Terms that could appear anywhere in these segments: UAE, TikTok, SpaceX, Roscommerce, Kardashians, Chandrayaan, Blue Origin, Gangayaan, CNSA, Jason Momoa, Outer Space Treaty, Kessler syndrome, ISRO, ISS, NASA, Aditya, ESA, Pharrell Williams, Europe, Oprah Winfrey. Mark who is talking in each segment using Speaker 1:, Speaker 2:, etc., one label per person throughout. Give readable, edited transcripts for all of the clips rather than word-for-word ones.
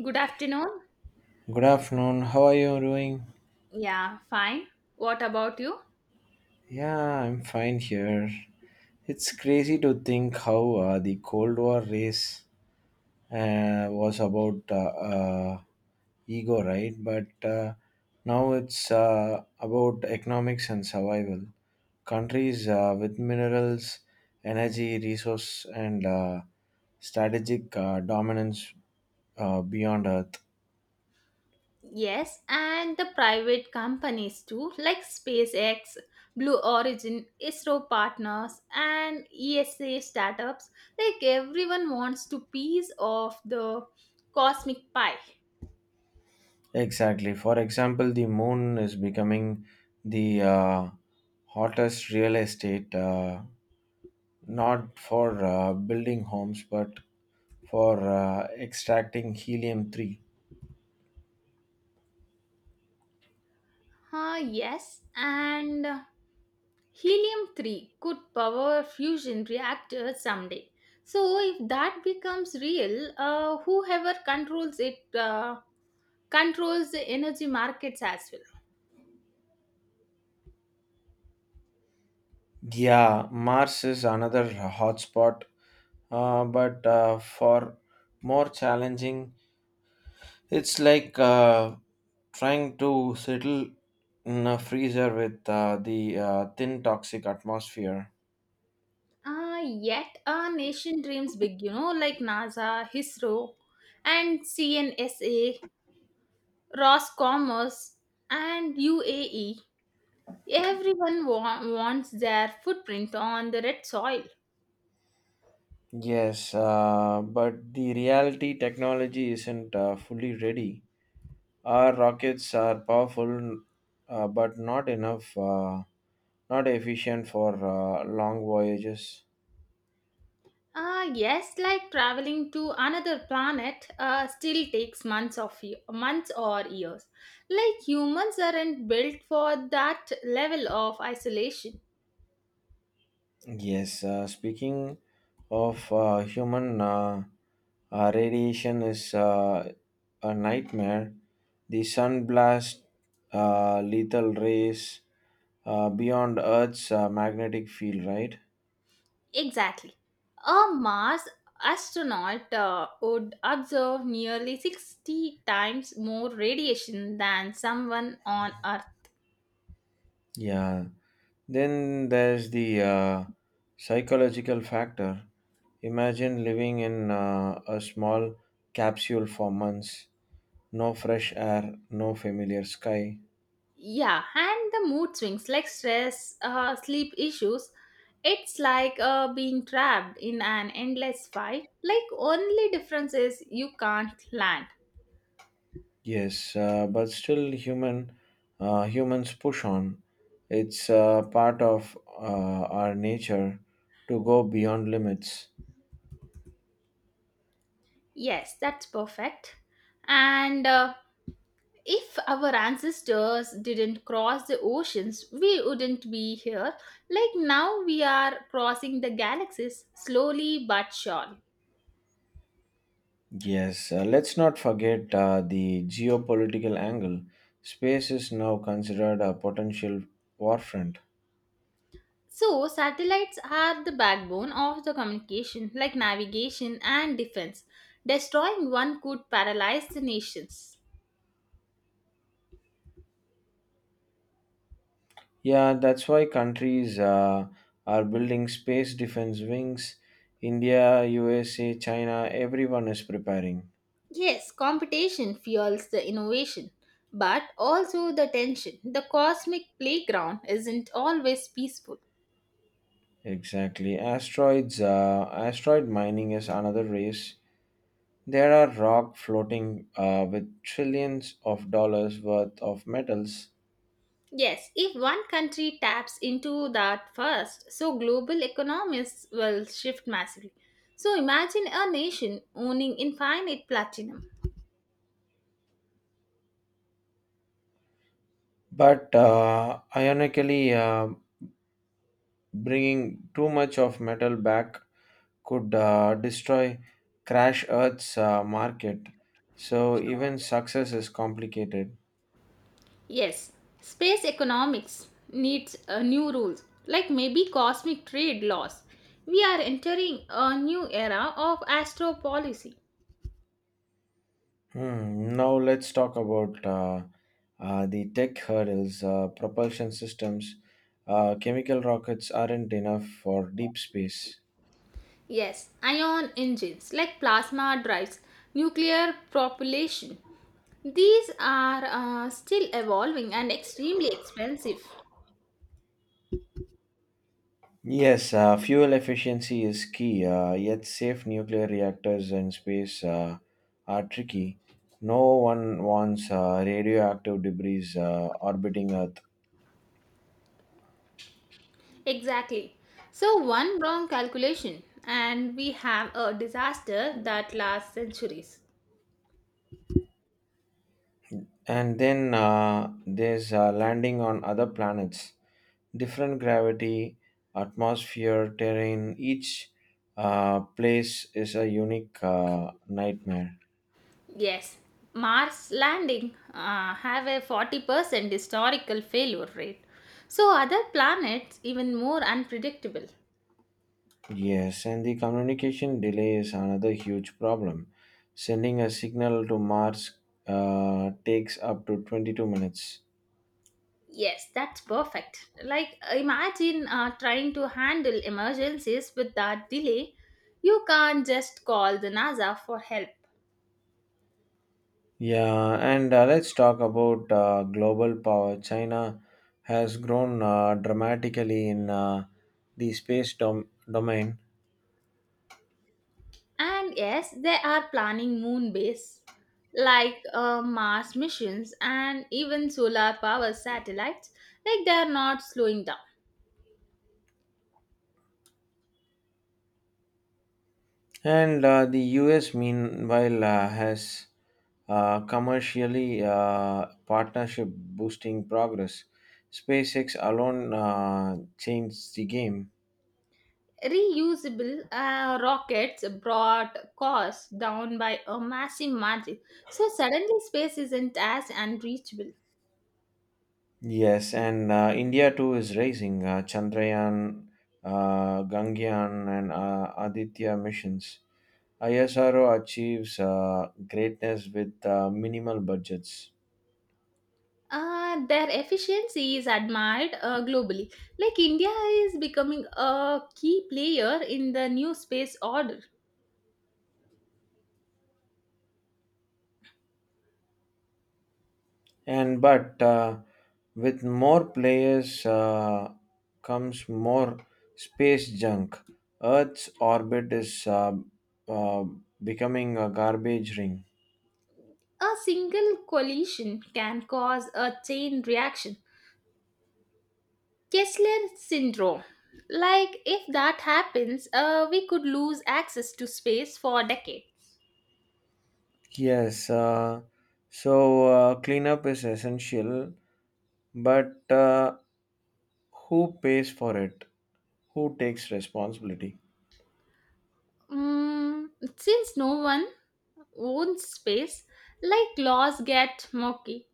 Speaker 1: Good afternoon.
Speaker 2: Good afternoon. How are you doing?
Speaker 1: Yeah, fine. What about you?
Speaker 2: Yeah, I'm fine here. It's crazy to think how the Cold War race was about uh, ego, right? But now it's about economics and survival. Countries with minerals, energy, resource, and strategic dominance beyond Earth.
Speaker 1: Yes, and the private companies too, like SpaceX, Blue Origin, ISRO partners, and ESA startups. Like everyone wants to piece of the cosmic pie.
Speaker 2: Exactly. For example, the moon is becoming the hottest real estate, not for building homes, but for extracting helium 3.
Speaker 1: Huh, yes, and helium 3 could power fusion reactors someday. So, if that becomes real, whoever controls it controls the energy markets as well.
Speaker 2: Yeah, Mars is another hotspot, but for more challenging, it's like trying to settle in a freezer with the thin toxic atmosphere.
Speaker 1: Yet a nation dreams big, like NASA, ISRO, and CNSA, Roscommerce, and UAE. Everyone wants their footprint on the red soil.
Speaker 2: Yes, but the reality technology isn't fully ready. Our rockets are powerful, but not enough, not efficient for long voyages.
Speaker 1: Ah, yes, like traveling to another planet still takes months or years. Like humans aren't built for that level of isolation.
Speaker 2: Yes, speaking of human radiation is a nightmare. The sun blast, lethal rays beyond Earth's magnetic field, right?
Speaker 1: Exactly. A Mars astronaut would observe nearly 60 times more radiation than someone on Earth.
Speaker 2: Yeah. Then there's the psychological factor. Imagine living in a small capsule for months, no fresh air, no familiar sky.
Speaker 1: Yeah, and the mood swings like stress, sleep issues. It's like being trapped in an endless fight. Like, only difference is you can't land.
Speaker 2: Yes, but still humans push on. It's part of our nature to go beyond limits.
Speaker 1: Yes, that's perfect. And if our ancestors didn't cross the oceans, we wouldn't be here. Like now, we are crossing the galaxies slowly but surely.
Speaker 2: Yes, let's not forget the geopolitical angle. Space is now considered a potential warfront.
Speaker 1: So, satellites are the backbone of the communication, like navigation and defense. Destroying one could paralyze the nations.
Speaker 2: Yeah, that's why countries are building space defense wings. India, USA, China, everyone is preparing.
Speaker 1: Yes, competition fuels the innovation, but also the tension. The cosmic playground isn't always peaceful.
Speaker 2: Exactly. Asteroids, asteroid mining is another race. There are rock floating with trillions of dollars worth of metals,
Speaker 1: Yes, if one country taps into that first, so global economies will shift massively. So imagine a nation owning infinite platinum.
Speaker 2: but ironically, bringing too much of metal back could destroy crash Earth's market. So even success is complicated.
Speaker 1: Yes, space economics needs new rules, like maybe cosmic trade laws. We are entering a new era of astro policy.
Speaker 2: Hmm. Now let's talk about the tech hurdles, propulsion systems. Chemical rockets aren't enough for deep space.
Speaker 1: Yes, ion engines like plasma drives, nuclear propulsion. These are still evolving and extremely expensive.
Speaker 2: Yes, fuel efficiency is key, yet safe nuclear reactors in space are tricky. No one wants radioactive debris orbiting Earth.
Speaker 1: Exactly. So, one wrong calculation, and we have a disaster that lasts centuries.
Speaker 2: And then there's landing on other planets. Different gravity, atmosphere, terrain, each place is a unique nightmare.
Speaker 1: Yes, Mars landing have a 40% historical failure rate. So, other planets even more unpredictable.
Speaker 2: Yes, and the communication delay is another huge problem. Sending a signal to Mars takes up to 22 minutes.
Speaker 1: Yes, that's perfect. Like, imagine trying to handle emergencies with that delay. You can't just call the NASA for help.
Speaker 2: Yeah, and let's talk about global power. China has grown dramatically in the space domain.
Speaker 1: And yes, they are planning moon base like Mars missions and even solar power satellites. Like they are not slowing down.
Speaker 2: And the US, meanwhile, has commercially partnership boosting progress. SpaceX alone changed the game.
Speaker 1: Reusable rockets brought costs down by a massive margin. So suddenly space isn't as unreachable.
Speaker 2: Yes, and India too is raising Chandrayaan, Gangayaan, and Aditya missions. ISRO achieves greatness with minimal budgets.
Speaker 1: Their efficiency is admired globally. Like India is becoming a key player in the new space order.
Speaker 2: And but with more players comes more space junk. Earth's orbit is uh, becoming a garbage ring.
Speaker 1: A single collision can cause a chain reaction, Kessler syndrome. Like, if that happens, we could lose access to space for decades.
Speaker 2: Yes, so cleanup is essential, but who pays for it? Who takes responsibility?
Speaker 1: Mm, since no one owns space, like laws get murky.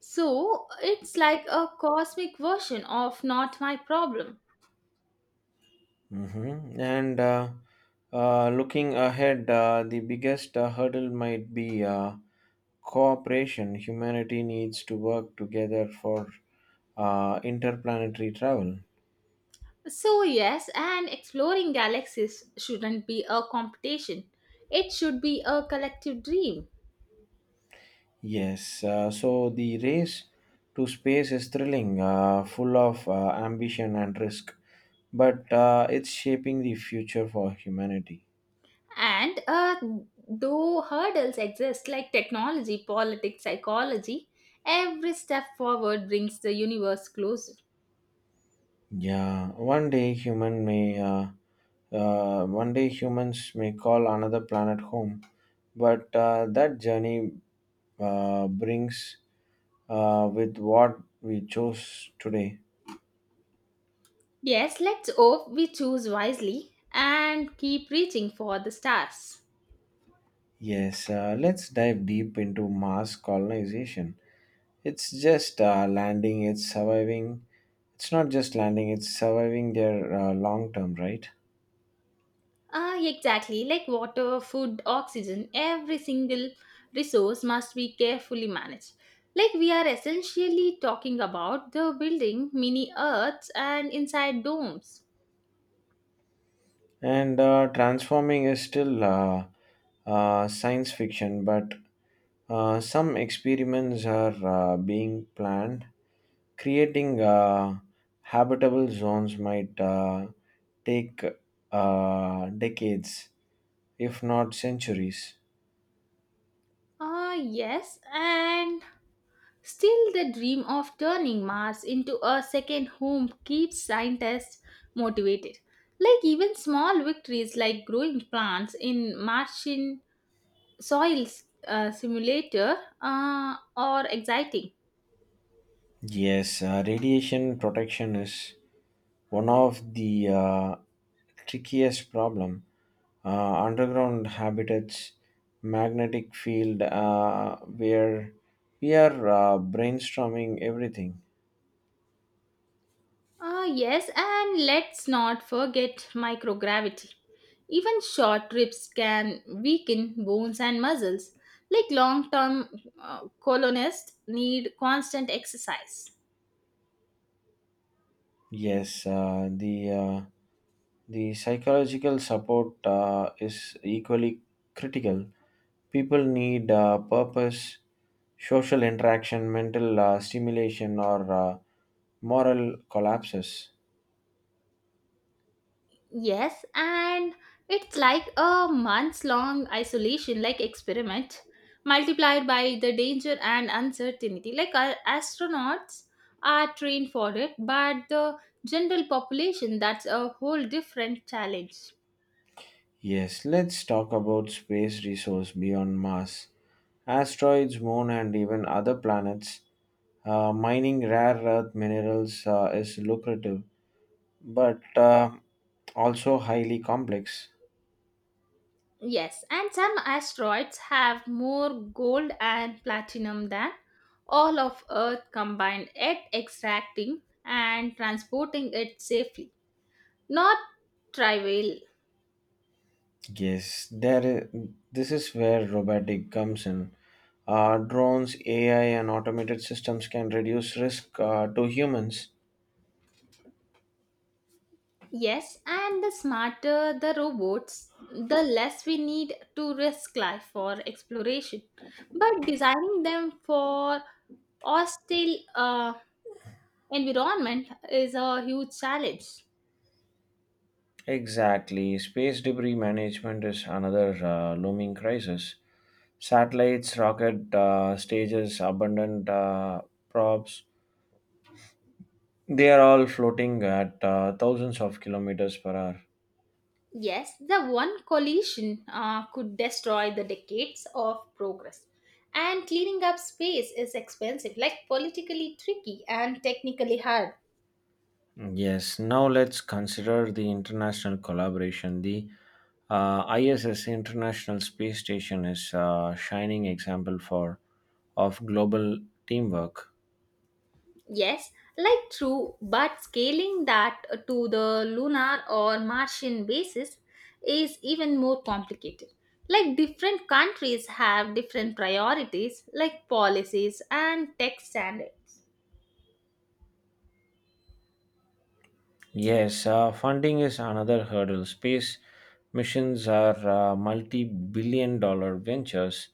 Speaker 1: So, it's like a cosmic version of not my problem.
Speaker 2: Mm-hmm. And looking ahead, the biggest hurdle might be cooperation. Humanity needs to work together for interplanetary travel.
Speaker 1: So, yes, and exploring galaxies shouldn't be a competition. It should be a collective dream.
Speaker 2: Yes, so the race to space is thrilling, full of ambition and risk, but it's shaping the future for humanity.
Speaker 1: And though hurdles exist like technology, politics, psychology, every step forward brings the universe closer.
Speaker 2: Yeah, one day humans may call another planet home, but that journey brings with what we chose today.
Speaker 1: Yes, let's hope we choose wisely and keep reaching for the stars.
Speaker 2: Yes, let's dive deep into Mars colonization. It's just landing. It's surviving. It's not just landing. It's surviving their long term, right?
Speaker 1: Ah, exactly. Like water, food, oxygen, every single resource must be carefully managed. Like we are essentially talking about the building mini earths and inside domes.
Speaker 2: And transforming is still science fiction, but some experiments are being planned. Creating habitable zones might take decades, if not centuries.
Speaker 1: Ah, yes, and still the dream of turning Mars into a second home keeps scientists motivated. Like even small victories like growing plants in Martian soils simulator are exciting.
Speaker 2: Yes, radiation protection is one of the trickiest problem. Underground habitats, magnetic field, where we are brainstorming everything.
Speaker 1: Ah, yes, and let's not forget microgravity. Even short trips can weaken bones and muscles. Like long term colonists need constant exercise.
Speaker 2: Yes, the psychological support is equally critical. People need purpose, social interaction, mental stimulation, or moral collapses.
Speaker 1: Yes, and it's like a months long isolation, like experiment, multiplied by the danger and uncertainty. Like our astronauts are trained for it, but the general population, that's a whole different challenge.
Speaker 2: Yes, let's talk about space resource beyond Mars. Asteroids, moon, and even other planets. Mining rare earth minerals is lucrative, but also highly complex.
Speaker 1: Yes, and some asteroids have more gold and platinum than all of Earth combined, yet extracting and transporting it safely. Not trivial.
Speaker 2: Yes, there. This is where robotic comes in. Drones, AI, and automated systems can reduce risk to humans.
Speaker 1: Yes, and the smarter the robots, the less we need to risk life for exploration. But designing them for hostile environment is a huge challenge.
Speaker 2: Exactly. Space debris management is another looming crisis. Satellites, rocket stages, abundant props, they are all floating at thousands of kilometers per hour.
Speaker 1: Yes, the one collision could destroy the decades of progress. And cleaning up space is expensive, like politically tricky and technically hard.
Speaker 2: Yes, now let's consider the international collaboration. The ISS International Space Station is a shining example for of global teamwork.
Speaker 1: Yes, like true, but scaling that to the lunar or Martian basis is even more complicated. Like different countries have different priorities, like policies and tech standards.
Speaker 2: Yes, funding is another hurdle. Space missions are multi billion dollar ventures,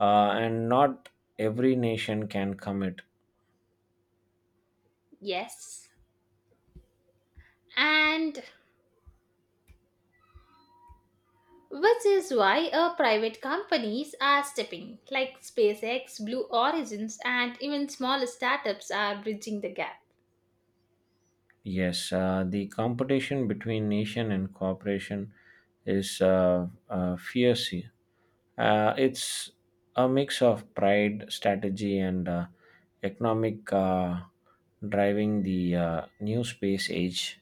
Speaker 2: and not every nation can commit.
Speaker 1: Yes. And which is why private companies are stepping, like SpaceX, Blue Origins, and even smaller startups are bridging the gap.
Speaker 2: Yes, the competition between nation and cooperation is fierce. It's a mix of pride, strategy, and economic driving the new space age.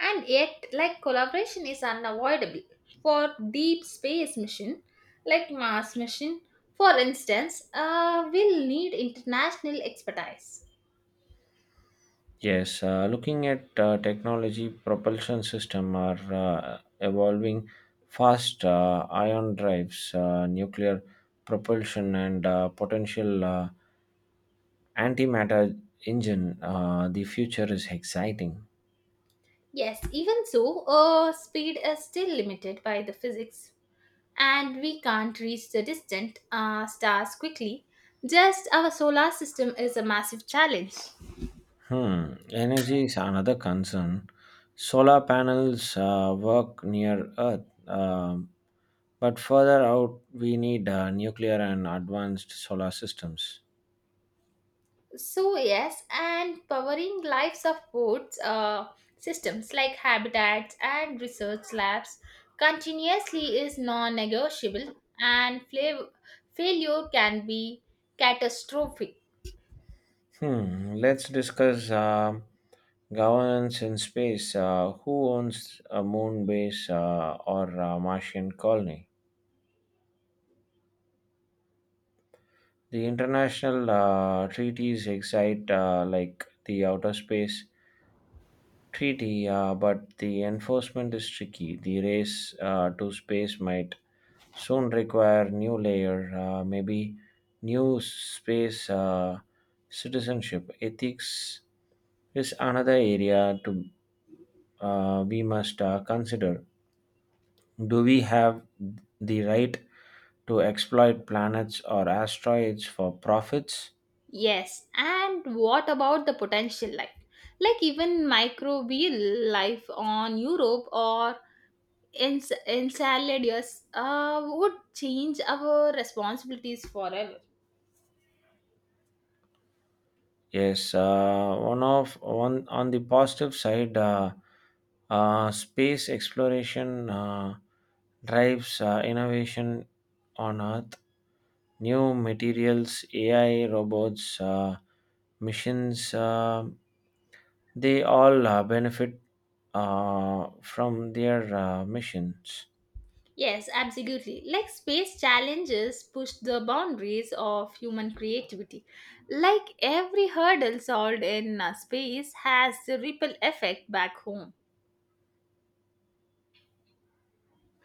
Speaker 1: And yet, like collaboration is unavoidable. For deep space mission, like Mars mission, for instance, will need international expertise.
Speaker 2: Yes, looking at technology, propulsion system are evolving fast. Ion drives, nuclear propulsion, and potential antimatter engine. The future is exciting.
Speaker 1: Yes, even so, speed is still limited by the physics, and we can't reach the distant stars quickly. Just our solar system is a massive challenge.
Speaker 2: Hmm. Energy is another concern. Solar panels work near Earth, but further out, we need nuclear and advanced solar systems.
Speaker 1: So, yes, and powering lives of both systems like habitats and research labs continuously is non negotiable, and failure can be catastrophic.
Speaker 2: Hmm. Let's discuss governance in space. Who owns a moon base or a Martian colony? The international treaties excite like the Outer Space Treaty, but the enforcement is tricky. The race to space might soon require new layer, maybe new space citizenship. Ethics is another area to we must consider. Do we have the right to exploit planets or asteroids for profits?
Speaker 1: Yes, and what about the potential life? Like even microbial life on Europe or in in salad years would change our responsibilities forever.
Speaker 2: Yes, one of one on the positive side, space exploration drives innovation on Earth. New materials, AI, robots, missions, they all benefit from their missions.
Speaker 1: Yes, absolutely, like space challenges push the boundaries of human creativity. Like every hurdle solved in space has the ripple effect back home.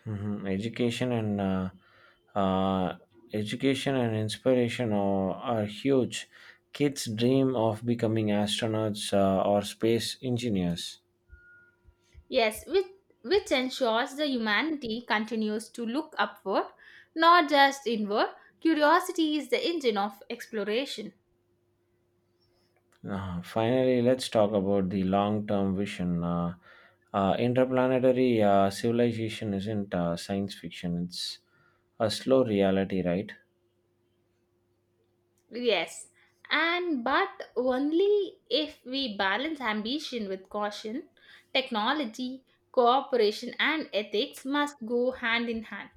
Speaker 2: Mhm. Education and uh, inspiration are, huge. Kids dream of becoming astronauts or space engineers.
Speaker 1: Yes, which ensures the humanity continues to look upward, not just inward. Curiosity is the engine of exploration.
Speaker 2: Finally, let's talk about the long-term vision. Interplanetary civilization isn't science fiction; it's a slow reality, right?
Speaker 1: Yes, and but only if we balance ambition with caution, technology, cooperation, and ethics must go hand in hand.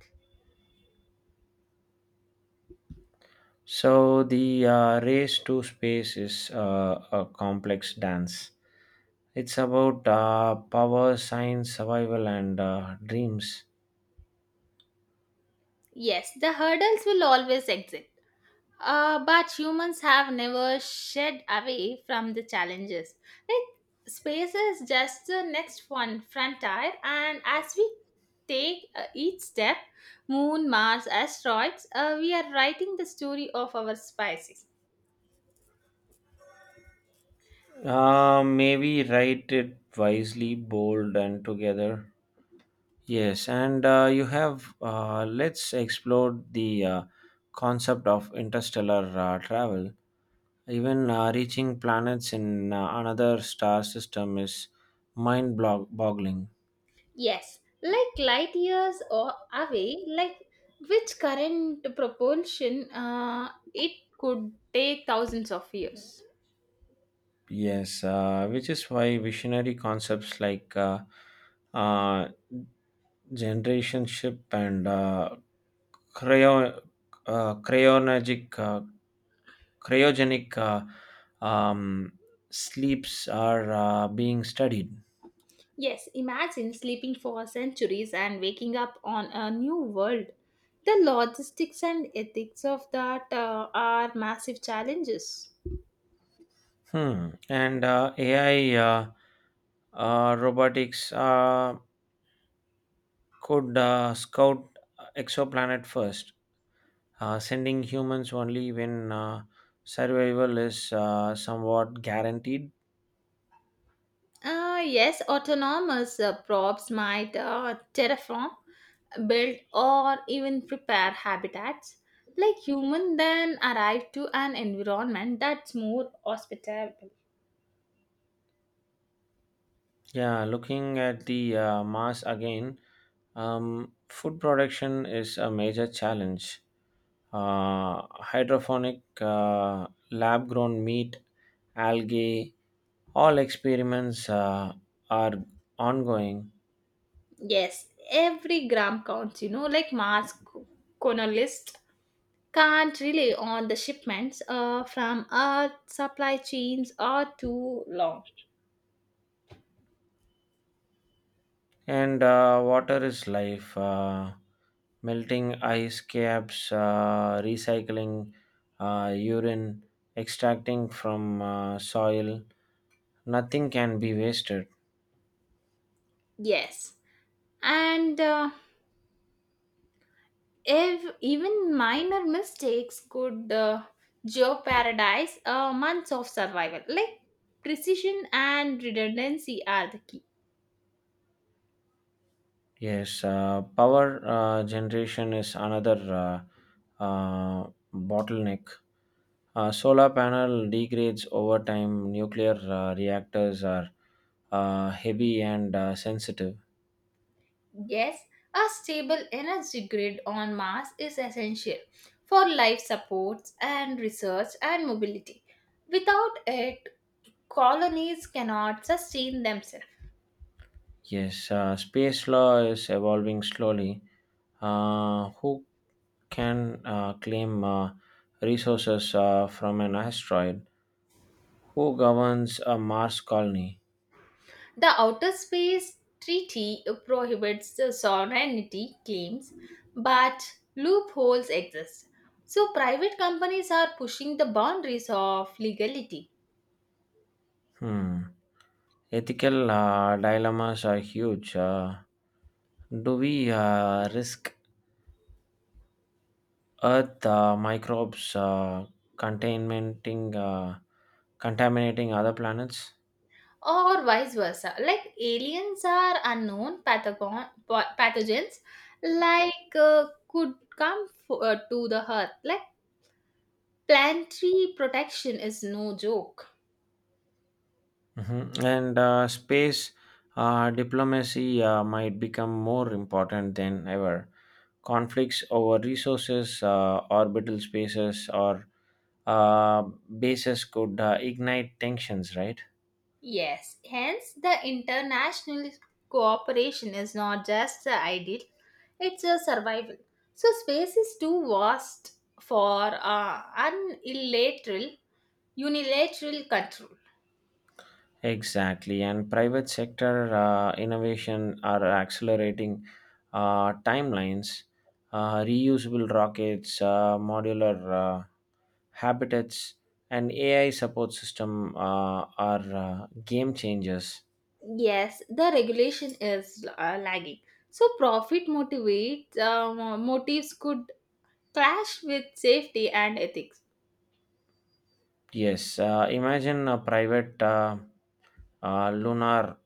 Speaker 2: So the race to space is a complex dance. It's about power, science, survival, and dreams.
Speaker 1: Yes, the hurdles will always exist, but humans have never shed away from the challenges. Like, space is just the next one frontier, and as we take each step, moon, Mars, asteroids, we are writing the story of our species.
Speaker 2: Maybe write it wisely, bold, and together. Yes, and you have. Let's explore the concept of interstellar travel. Even reaching planets in another star system is mind boggling.
Speaker 1: Yes, like light years or away, like which current propulsion it could take thousands of years.
Speaker 2: Yes, which is why visionary concepts like uh, Generationship and cryo, uh, cryogenic uh, cryogenic um, sleeps are being studied.
Speaker 1: Yes, imagine sleeping for centuries and waking up on a new world. The logistics and ethics of that are massive challenges.
Speaker 2: Hmm. And AI robotics could scout exoplanet first, sending humans only when survival is somewhat guaranteed.
Speaker 1: Yes, autonomous probes might terraform, build, or even prepare habitats, like human then arrive to an environment that's more hospitable.
Speaker 2: Yeah, looking at the mass again, food production is a major challenge. Uh, Hydroponic, lab grown meat, algae, all experiments are ongoing.
Speaker 1: Yes, every gram counts, like Mars colonialists can't rely on the shipments from Earth. Supply chains are too long.
Speaker 2: And water is life. Melting ice caps, recycling urine, extracting from soil, nothing can be wasted.
Speaker 1: Yes, and if even minor mistakes could jeopardize months of survival, like precision and redundancy are the key.
Speaker 2: Yes, power generation is another uh, uh, bottleneck. Solar panel degrades over time. Nuclear reactors are heavy and sensitive.
Speaker 1: Yes, a stable energy grid on Mars is essential for life supports and research and mobility. Without it, colonies cannot sustain themselves.
Speaker 2: Yes, space law is evolving slowly. Who can claim resources from an asteroid? Who governs a Mars colony?
Speaker 1: The Outer Space Treaty prohibits the sovereignty claims, but loopholes exist. So, private companies are pushing the boundaries of legality,
Speaker 2: Hmm. Ethical dilemmas are huge. Do we risk Earth microbes contaminating uh, contaminating other planets?
Speaker 1: or vice versa. Like aliens are unknown pathogon, pathogens, like could come to the Earth. Like planetary protection is no joke.
Speaker 2: Mhm. And space diplomacy might become more important than ever. Conflicts over resources, orbital spaces, or uh, bases could ignite tensions, right?
Speaker 1: Yes, hence the international cooperation is not just the ideal, it's a survival. So, space is too vast for unilateral, unilateral control.
Speaker 2: Exactly, and private sector innovation are accelerating timelines. Reusable rockets, modular habitats, and AI support system are game changers.
Speaker 1: Yes, the regulation is lagging. So, profit motives could clash with safety and ethics.
Speaker 2: Yes, imagine a private lunar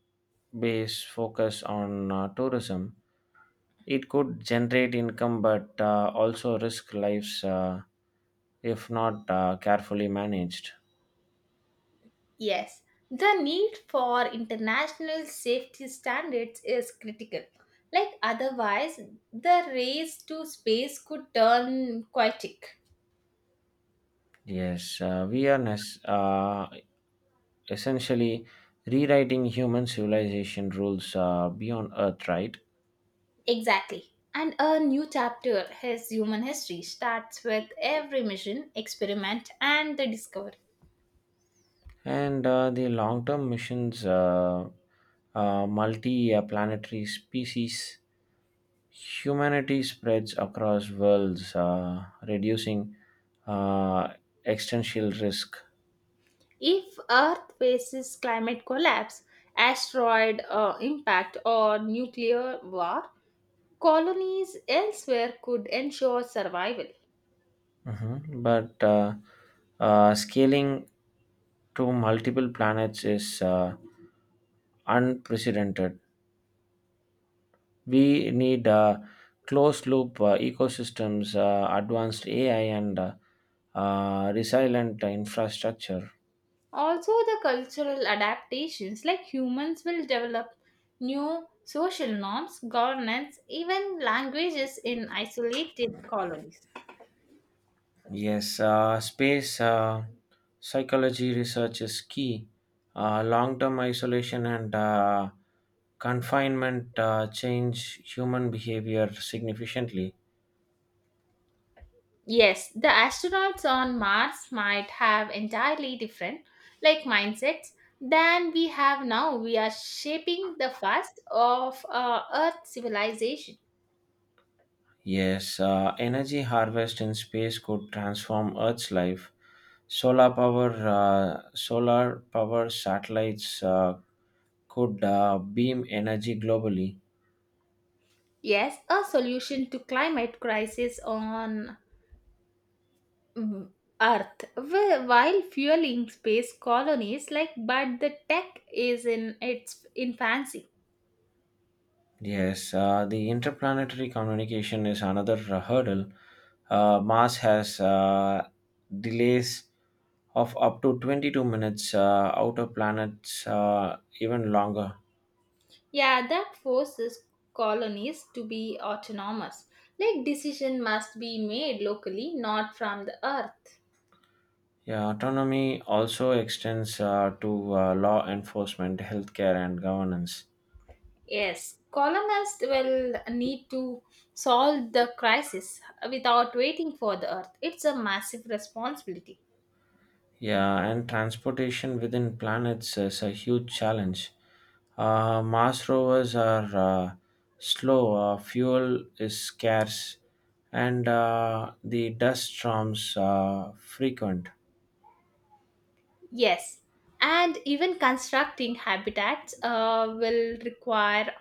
Speaker 2: base focus on tourism, it could generate income but also risk lives if not carefully managed.
Speaker 1: Yes, the need for international safety standards is critical. Like otherwise, the race to space could turn chaotic.
Speaker 2: Yes, we are essentially rewriting human civilization rules beyond Earth, right?
Speaker 1: Exactly. And a new chapter his human history starts with every mission, experiment, and the discovery.
Speaker 2: And the long term missions, multi planetary species. Humanity spreads across worlds, reducing uh, existential risk.
Speaker 1: If Earth faces climate collapse, asteroid impact, or nuclear war, colonies elsewhere could ensure survival.
Speaker 2: Mhm. But scaling to multiple planets is unprecedented. We need closed loop ecosystems, advanced AI, and resilient infrastructure.
Speaker 1: Also, the cultural adaptations like humans will develop new social norms, governance, even languages in isolated colonies.
Speaker 2: Yes, space psychology research is key. Long term isolation and confinement change human behavior significantly.
Speaker 1: Yes, the astronauts on Mars might have entirely different like mindsets than we have now. We are shaping the fast of Earth civilization.
Speaker 2: Yes, energy harvest in space could transform Earth's life. Solar power satellites could beam energy globally.
Speaker 1: Yes, a solution to climate crisis on mm, Earth, while fueling space colonies like, but the tech is in its infancy.
Speaker 2: Yes, the interplanetary communication is another hurdle. Mars has delays of up to 22 minutes, outer planets even longer.
Speaker 1: Yeah, that forces colonies to be autonomous. Like decision must be made locally, not from the Earth.
Speaker 2: Yeah, autonomy also extends to law enforcement, healthcare, and governance.
Speaker 1: Yes, colonists will need to solve the crisis without waiting for the Earth. It's a massive responsibility.
Speaker 2: Yeah, and transportation within planets is a huge challenge. Mars rovers are slow, fuel is scarce, and the dust storms are frequent.
Speaker 1: Yes, and even constructing habitats will require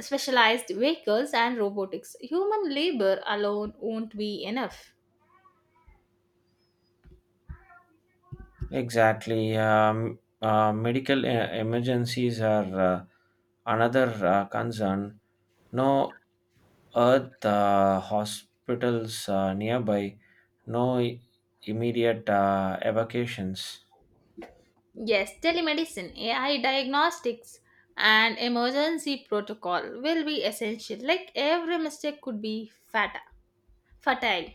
Speaker 1: specialized vehicles and robotics. Human labor alone won't be enough.
Speaker 2: Exactly. Medical emergencies are another concern. No Earth hospitals nearby, no immediate evacuations.
Speaker 1: Yes, telemedicine, AI diagnostics, and emergency protocol will be essential. Like every mistake could be fatal.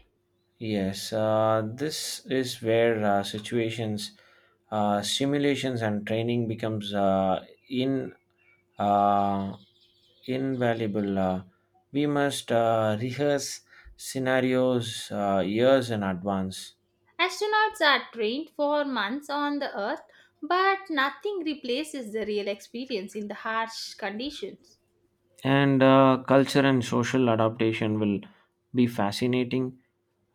Speaker 2: Yes, this is where situations, simulations, and training becomes in uh, invaluable. We must rehearse scenarios years in advance,
Speaker 1: Astronauts are trained for months on the Earth, but nothing replaces the real experience in the harsh conditions.
Speaker 2: and culture and social adaptation will be fascinating.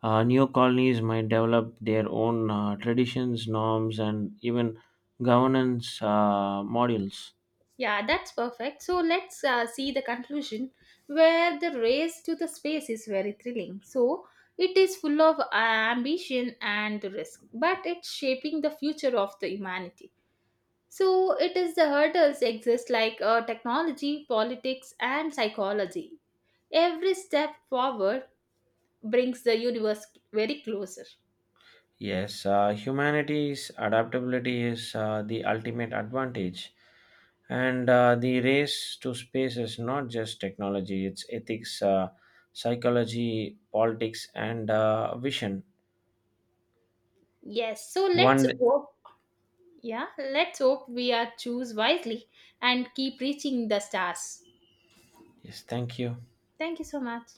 Speaker 2: New colonies might develop their own traditions, norms, and even governance models.
Speaker 1: Yeah, that's perfect. So let's see the conclusion where the race to the space is very thrilling. So it is full of ambition and risk, but it's shaping the future of the humanity. So it is the hurdles exist like technology, politics, and psychology. Every step forward brings the universe very closer.
Speaker 2: Yes, humanity's adaptability is the ultimate advantage. And the race to space is not just technology, it's ethics, psychology, politics, and vision.
Speaker 1: Yes, so let's
Speaker 2: One,
Speaker 1: hope, yeah, let's hope we are choose wisely and keep reaching the stars.
Speaker 2: yes, thank you.
Speaker 1: Thank you so much.